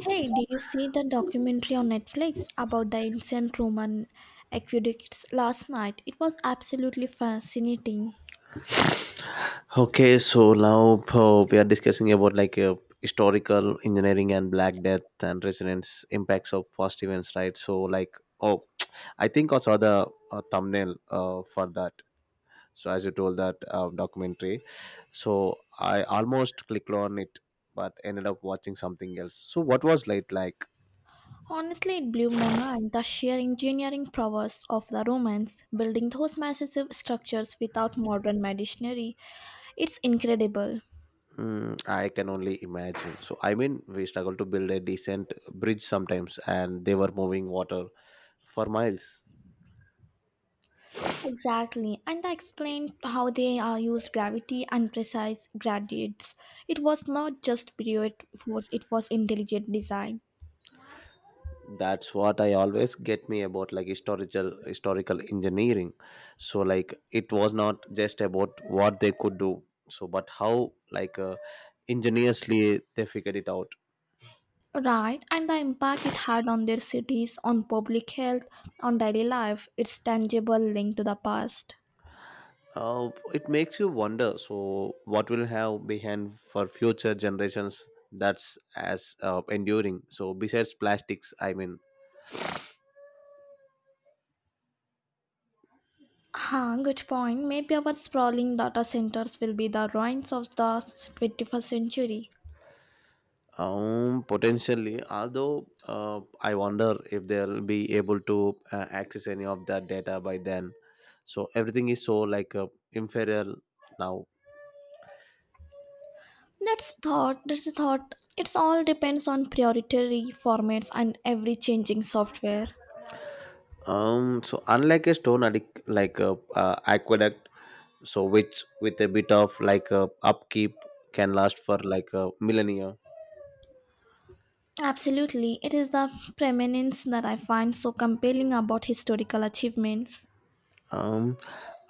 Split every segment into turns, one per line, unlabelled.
Hey, did you see the documentary on Netflix about the ancient Roman aqueducts last night? It was absolutely fascinating.
Okay, so now we are discussing about like historical engineering and Black Death and resonance impacts of past events, right? So oh, I think I saw the thumbnail for that. So as you told that documentary, so I almost clicked on it, but ended up watching something else. So what was late like?
Honestly, it blew my mind the sheer engineering prowess of the Romans building those massive structures without modern machinery. It's incredible.
Mm, I can only imagine. So I mean, we struggle to build a decent bridge sometimes, and they were moving water for miles.
Exactly, and I explained how they used gravity and precise gradients. It was not just brute force, it was intelligent design.
That's what I always get me about like historical engineering, so like it was not just about what they could do, so but how like ingeniously they figured it out.
Right, and the impact it had on their cities, on public health, on daily life, its tangible link to the past.
It makes you wonder, so what will have behind for future generations that's as enduring, so besides plastics I mean.
Huh, good point. Maybe our sprawling data centers will be the ruins of the 21st century.
Potentially, although I wonder if they'll be able to access any of that data by then. So everything is so like inferior now.
That's a thought. It's all depends on priority formats and every changing software.
So unlike a like a aqueduct, so which with a bit of like upkeep can last for like a millennia.
Absolutely, it is the preeminence that I find so compelling about historical achievements.
Um,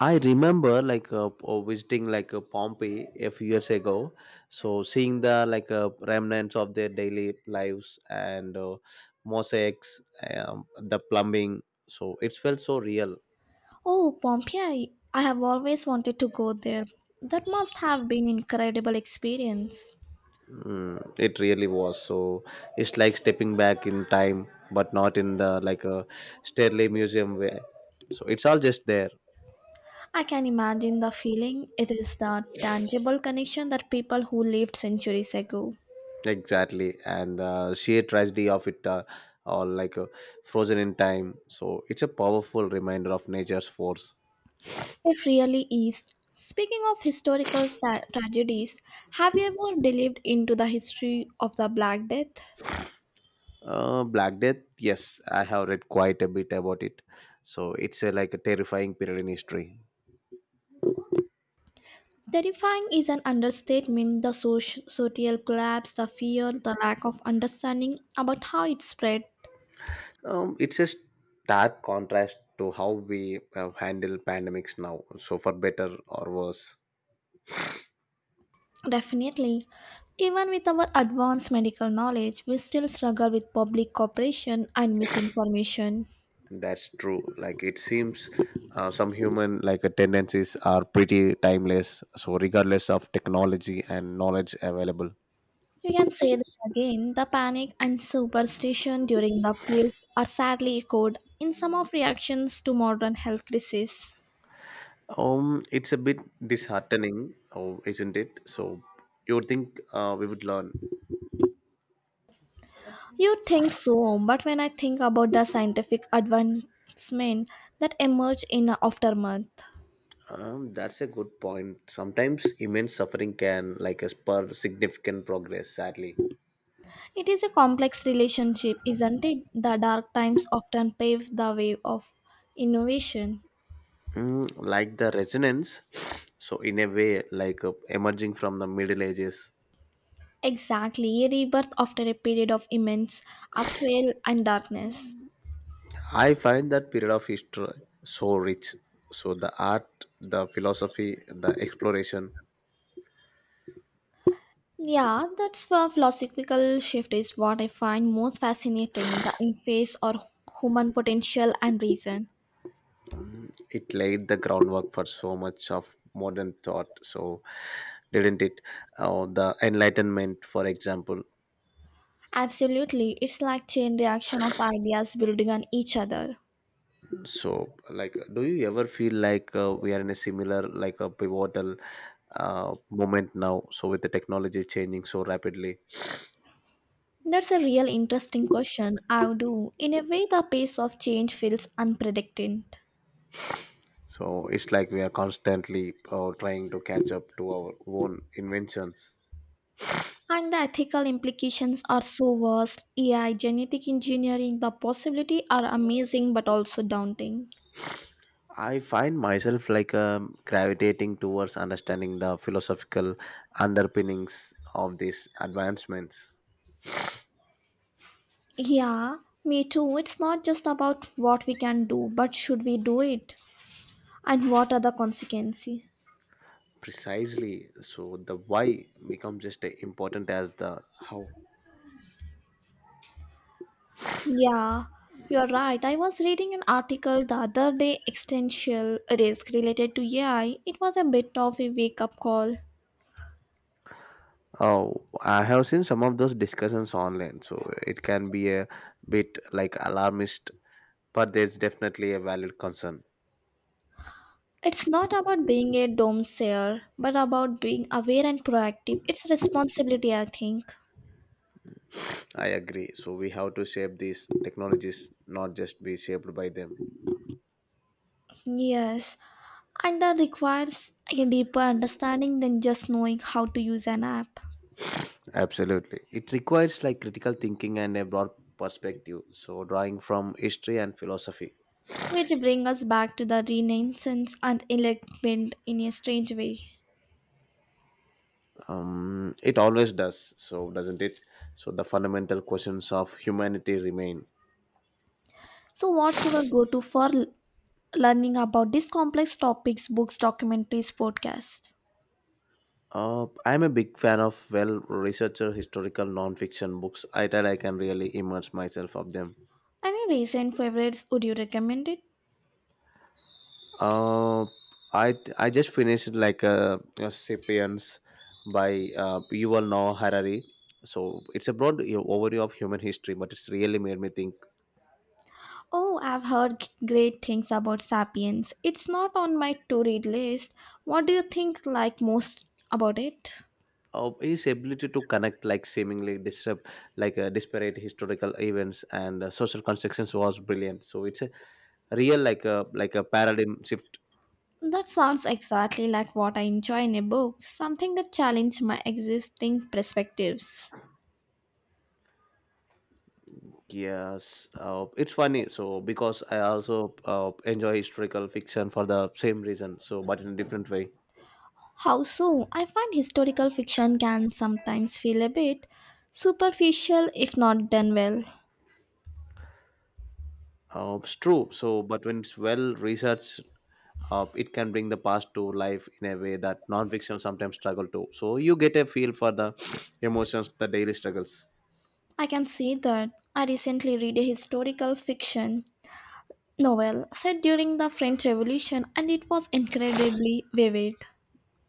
I remember like visiting like Pompeii a few years ago, so seeing the like remnants of their daily lives and mosaics, the plumbing. So it felt so real.
Oh, Pompeii! I have always wanted to go there. That must have been incredible experience.
Mm, it really was. So it's like stepping back in time, but not in the like a Sterling Museum way. So it's all just there.
I can imagine the feeling. It is the tangible connection that people who lived centuries ago.
Exactly, and the sheer tragedy of it all, frozen in time. So it's a powerful reminder of nature's force.
It really is. Speaking of historical tragedies, have you ever delved into the history of the Black Death?
Black Death, yes, I have read quite a bit about it. So it's like a terrifying period in history.
Terrifying is an understatement. The social collapse, the fear, the lack of understanding about how it spread.
It's a stark contrast to how we handle pandemics now. So for better or worse.
Definitely. Even with our advanced medical knowledge, we still struggle with public cooperation and misinformation.
That's true. Like it seems some human like tendencies are pretty timeless. So regardless of technology and knowledge available,
You can say that again the panic and superstition during the plague are sadly echoed in some of reactions to modern health crises.
it's a bit disheartening, oh, isn't it? So you would think we would learn.
You think so, but when I think about the scientific advancement that emerged in the aftermath,
That's a good point. Sometimes immense suffering can like spur significant progress. Sadly,
it is a complex relationship, isn't it? The dark times often pave the way of innovation.
mm, like the resonance. So in a way, like emerging from the Middle Ages.
Exactly, a rebirth after a period of immense upheaval and darkness.
I find that period of history so rich. So the art, the philosophy, the exploration,
Yeah, that's a philosophical shift is what I find most fascinating, the interface or human potential and reason.
mm, it laid the groundwork for so much of modern thought. So didn't it? The Enlightenment, for example.
Absolutely, it's like chain reaction of ideas building on each other.
So like, do you ever feel like we are in a similar, like a pivotal moment now? So with the technology changing so rapidly,
That's a real interesting question. I do. In a way, the pace of change feels unpredicted.
so it's like we are constantly trying to catch up to our own inventions.
And the ethical implications are so vast. AI, genetic engineering, the possibility are amazing but also daunting.
I find myself like gravitating towards understanding the philosophical underpinnings of these advancements.
Yeah, me too. It's not just about what we can do, but should we do it? And what are the consequences?
Precisely, so the why becomes just as important as the how.
Yeah, you're right. I was reading an article the other day, existential risk related to AI. It was a bit of a wake up call.
Oh, I have seen some of those discussions online, so it can be a bit like alarmist, but there's definitely a valid concern.
It's not about being a doomsayer, but about being aware and proactive. It's a responsibility, I think.
I agree. So we have to shape these technologies, not just be shaped by them.
Yes, and that requires a deeper understanding than just knowing how to use an app.
Absolutely. It requires like critical thinking and a broad perspective. So drawing from history and philosophy.
Which brings us back to the renaissance and enlightenment in a strange way.
It always does. So doesn't it? So the fundamental questions of humanity remain.
So, what's your go to for learning about these complex topics, books, documentaries, podcasts?
I'm a big fan of well researcher historical non-fiction books. I thought I can really immerse myself of them.
Any recent favorites would you recommend it?
Uh, I just finished like a *Sapiens* by Yuval Noah Harari. So it's a broad you know, overview of human history, but it's really made me think.
Oh, I've heard great things about Sapiens. It's not on my to read list. What do you think like most about it?
Of his ability to connect like seemingly disrupt like disparate historical events and social constructions was brilliant, so it's a real like a paradigm shift.
That sounds exactly like what I enjoy in a book, something that challenges my existing perspectives.
Yes, it's funny, so because I also enjoy historical fiction for the same reason, so but in a different way.
How so? I find historical fiction can sometimes feel a bit superficial if not done well.
It's true, so but when it's well researched, it can bring the past to life in a way that non-fiction sometimes struggle to. So you get a feel for the emotions, the daily struggles.
I can see that. I recently read a historical fiction novel set during the French Revolution and it was incredibly vivid.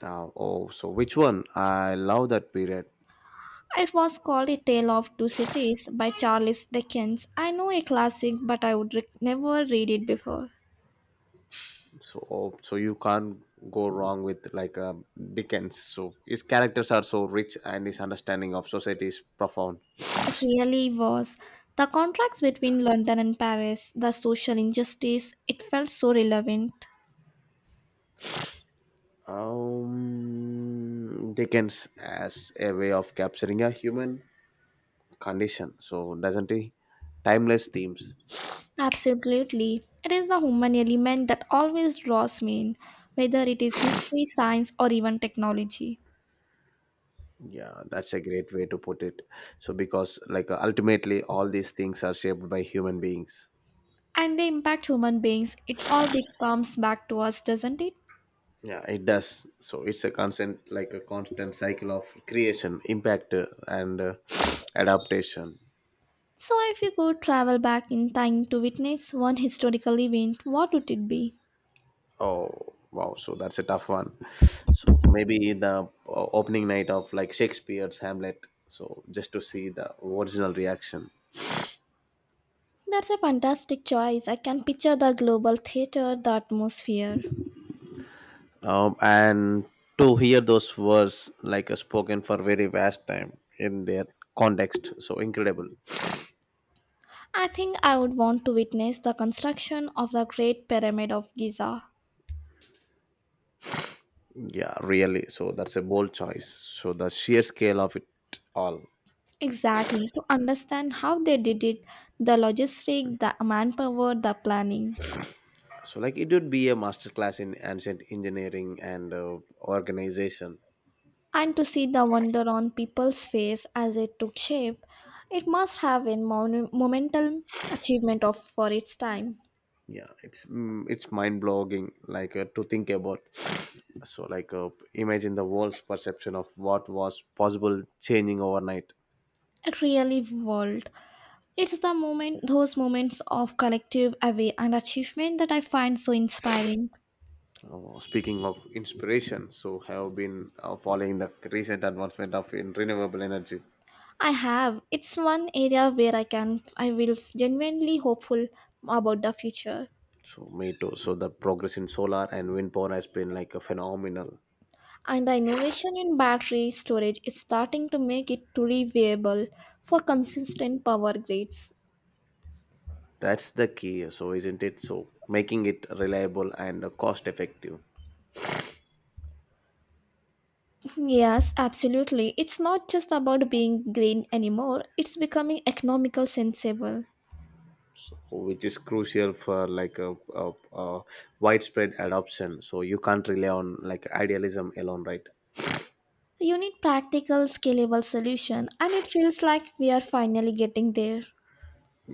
Oh, so which one? I love that period.
It was called A Tale of Two Cities by Charles Dickens. I know a classic, but I would never read it before.
So, oh, so you can't go wrong with like Dickens. So his characters are so rich, and his understanding of society is profound.
It really was. The contrast between London and Paris, the social injustice, it felt so relevant.
Dickens as a way of capturing a human condition. So doesn't he? Timeless themes.
Absolutely. It is the human element that always draws me in, whether it is history, science, or even technology.
Yeah, that's a great way to put it. So because like ultimately all these things are shaped by human beings.
And they impact human beings, it all becomes back to us, doesn't it?
Yeah, it does, so it's a constant like a constant cycle of creation, impact, and adaptation.
So, if you could travel back in time to witness one historical event, what would it be?
Oh, wow, so that's a tough one. So maybe the opening night of like Shakespeare's Hamlet, so just to see the original reaction.
That's a fantastic choice. I can picture the global theater, the atmosphere.
And to hear those words like spoken for very vast time in their context, so incredible.
I think I would want to witness the construction of the Great Pyramid of Giza.
Yeah, really, so that's a bold choice. So the sheer scale of it all,
Exactly, to understand how they did it, the logistic, the manpower, the planning.
so like it would be a master class in ancient engineering and organization.
And to see the wonder on people's face as it took shape, it must have been monumental achievement of for its time.
Yeah, it's mind blogging, like to think about so like imagine the world's perception of what was possible changing overnight.
It really world. It's the moment those moments of collective awe and achievement that I find so inspiring.
Speaking of inspiration, so have been following the recent advancement of in renewable energy.
I have. It's one area where I will genuinely hopeful about the future.
So me too, so the progress in solar and wind power has been like a phenomenal.
And the innovation in battery storage is starting to make it truly viable for consistent power grids.
That's the key, so isn't it, so making it reliable and cost effective,
Yes, absolutely. It's not just about being green anymore. It's becoming economical sensible.
which is crucial for like a widespread adoption. So you can't rely on like idealism alone, right?
You need practical, scalable solution, and it feels like we are finally getting there.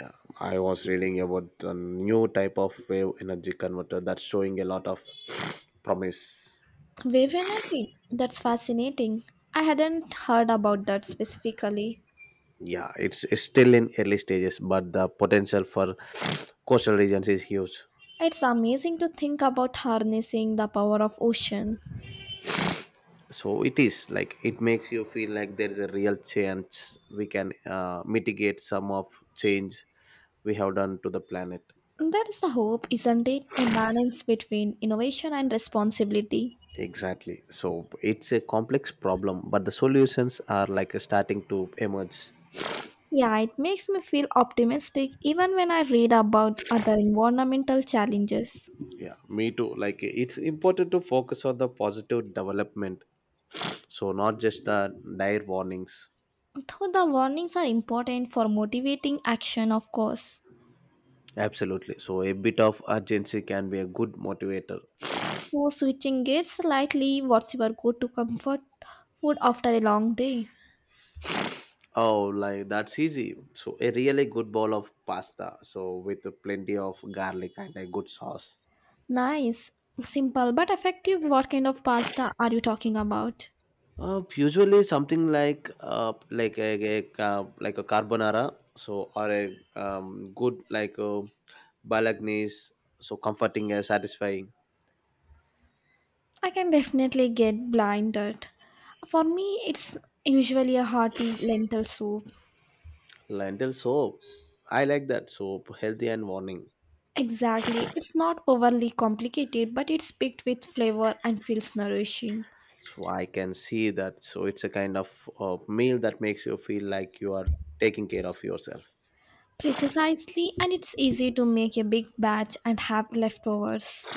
Yeah, I was reading about a new type of wave energy converter that's showing a lot of promise.
Wave energy. That's fascinating. I hadn't heard about that specifically.
Yeah, it's still in early stages, but the potential for coastal regions is huge.
It's amazing to think about harnessing the power of ocean.
So it is like it makes you feel like there is a real chance we can mitigate some of change we have done to the planet.
That is the hope, isn't it? A balance between innovation and responsibility.
Exactly. So it's a complex problem, but the solutions are like starting to emerge.
Yeah, it makes me feel optimistic even when I read about other environmental challenges.
Yeah, me too. Like it's important to focus on the positive development, so not just the dire warnings.
Though the warnings are important for motivating action, of course.
Absolutely. So a bit of urgency can be a good motivator.
So, switching gears slightly, what's your go to comfort food after a long day?
Oh, like that's easy. So a really good bowl of pasta, so with plenty of garlic and a good sauce.
Nice, simple, but effective. What kind of pasta are you talking about?
Usually something like a like a carbonara, so or a good like a bolognese, so comforting and satisfying.
I can definitely get blinded. For me, it's usually a hearty lentil soup.
Lentil soup. I like that soup, healthy and warming.
Exactly. It's not overly complicated, but it's packed with flavor and feels nourishing.
So I can see that. So it's a kind of meal that makes you feel like you are taking care of yourself.
Precisely, and it's easy to make a big batch and have leftovers.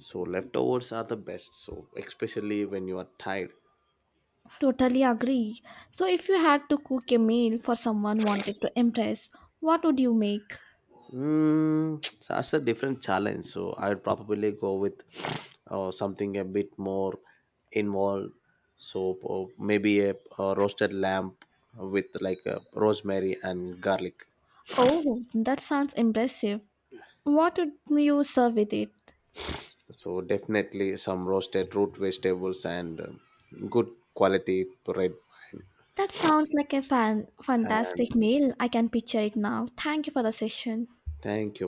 So leftovers are the best. So especially when you are tired.
Totally agree. So, if you had to cook a meal for someone wanted to impress, what would you make?
Mm, that's a different challenge. So I'd probably go with something a bit more involved. So maybe a roasted lamb with like a rosemary and garlic.
Oh, that sounds impressive. What would you serve with it?
So definitely some roasted root vegetables and good quality red wine.
That sounds like a fantastic
And
meal. I can picture it now. Thank you for the session.
thank you.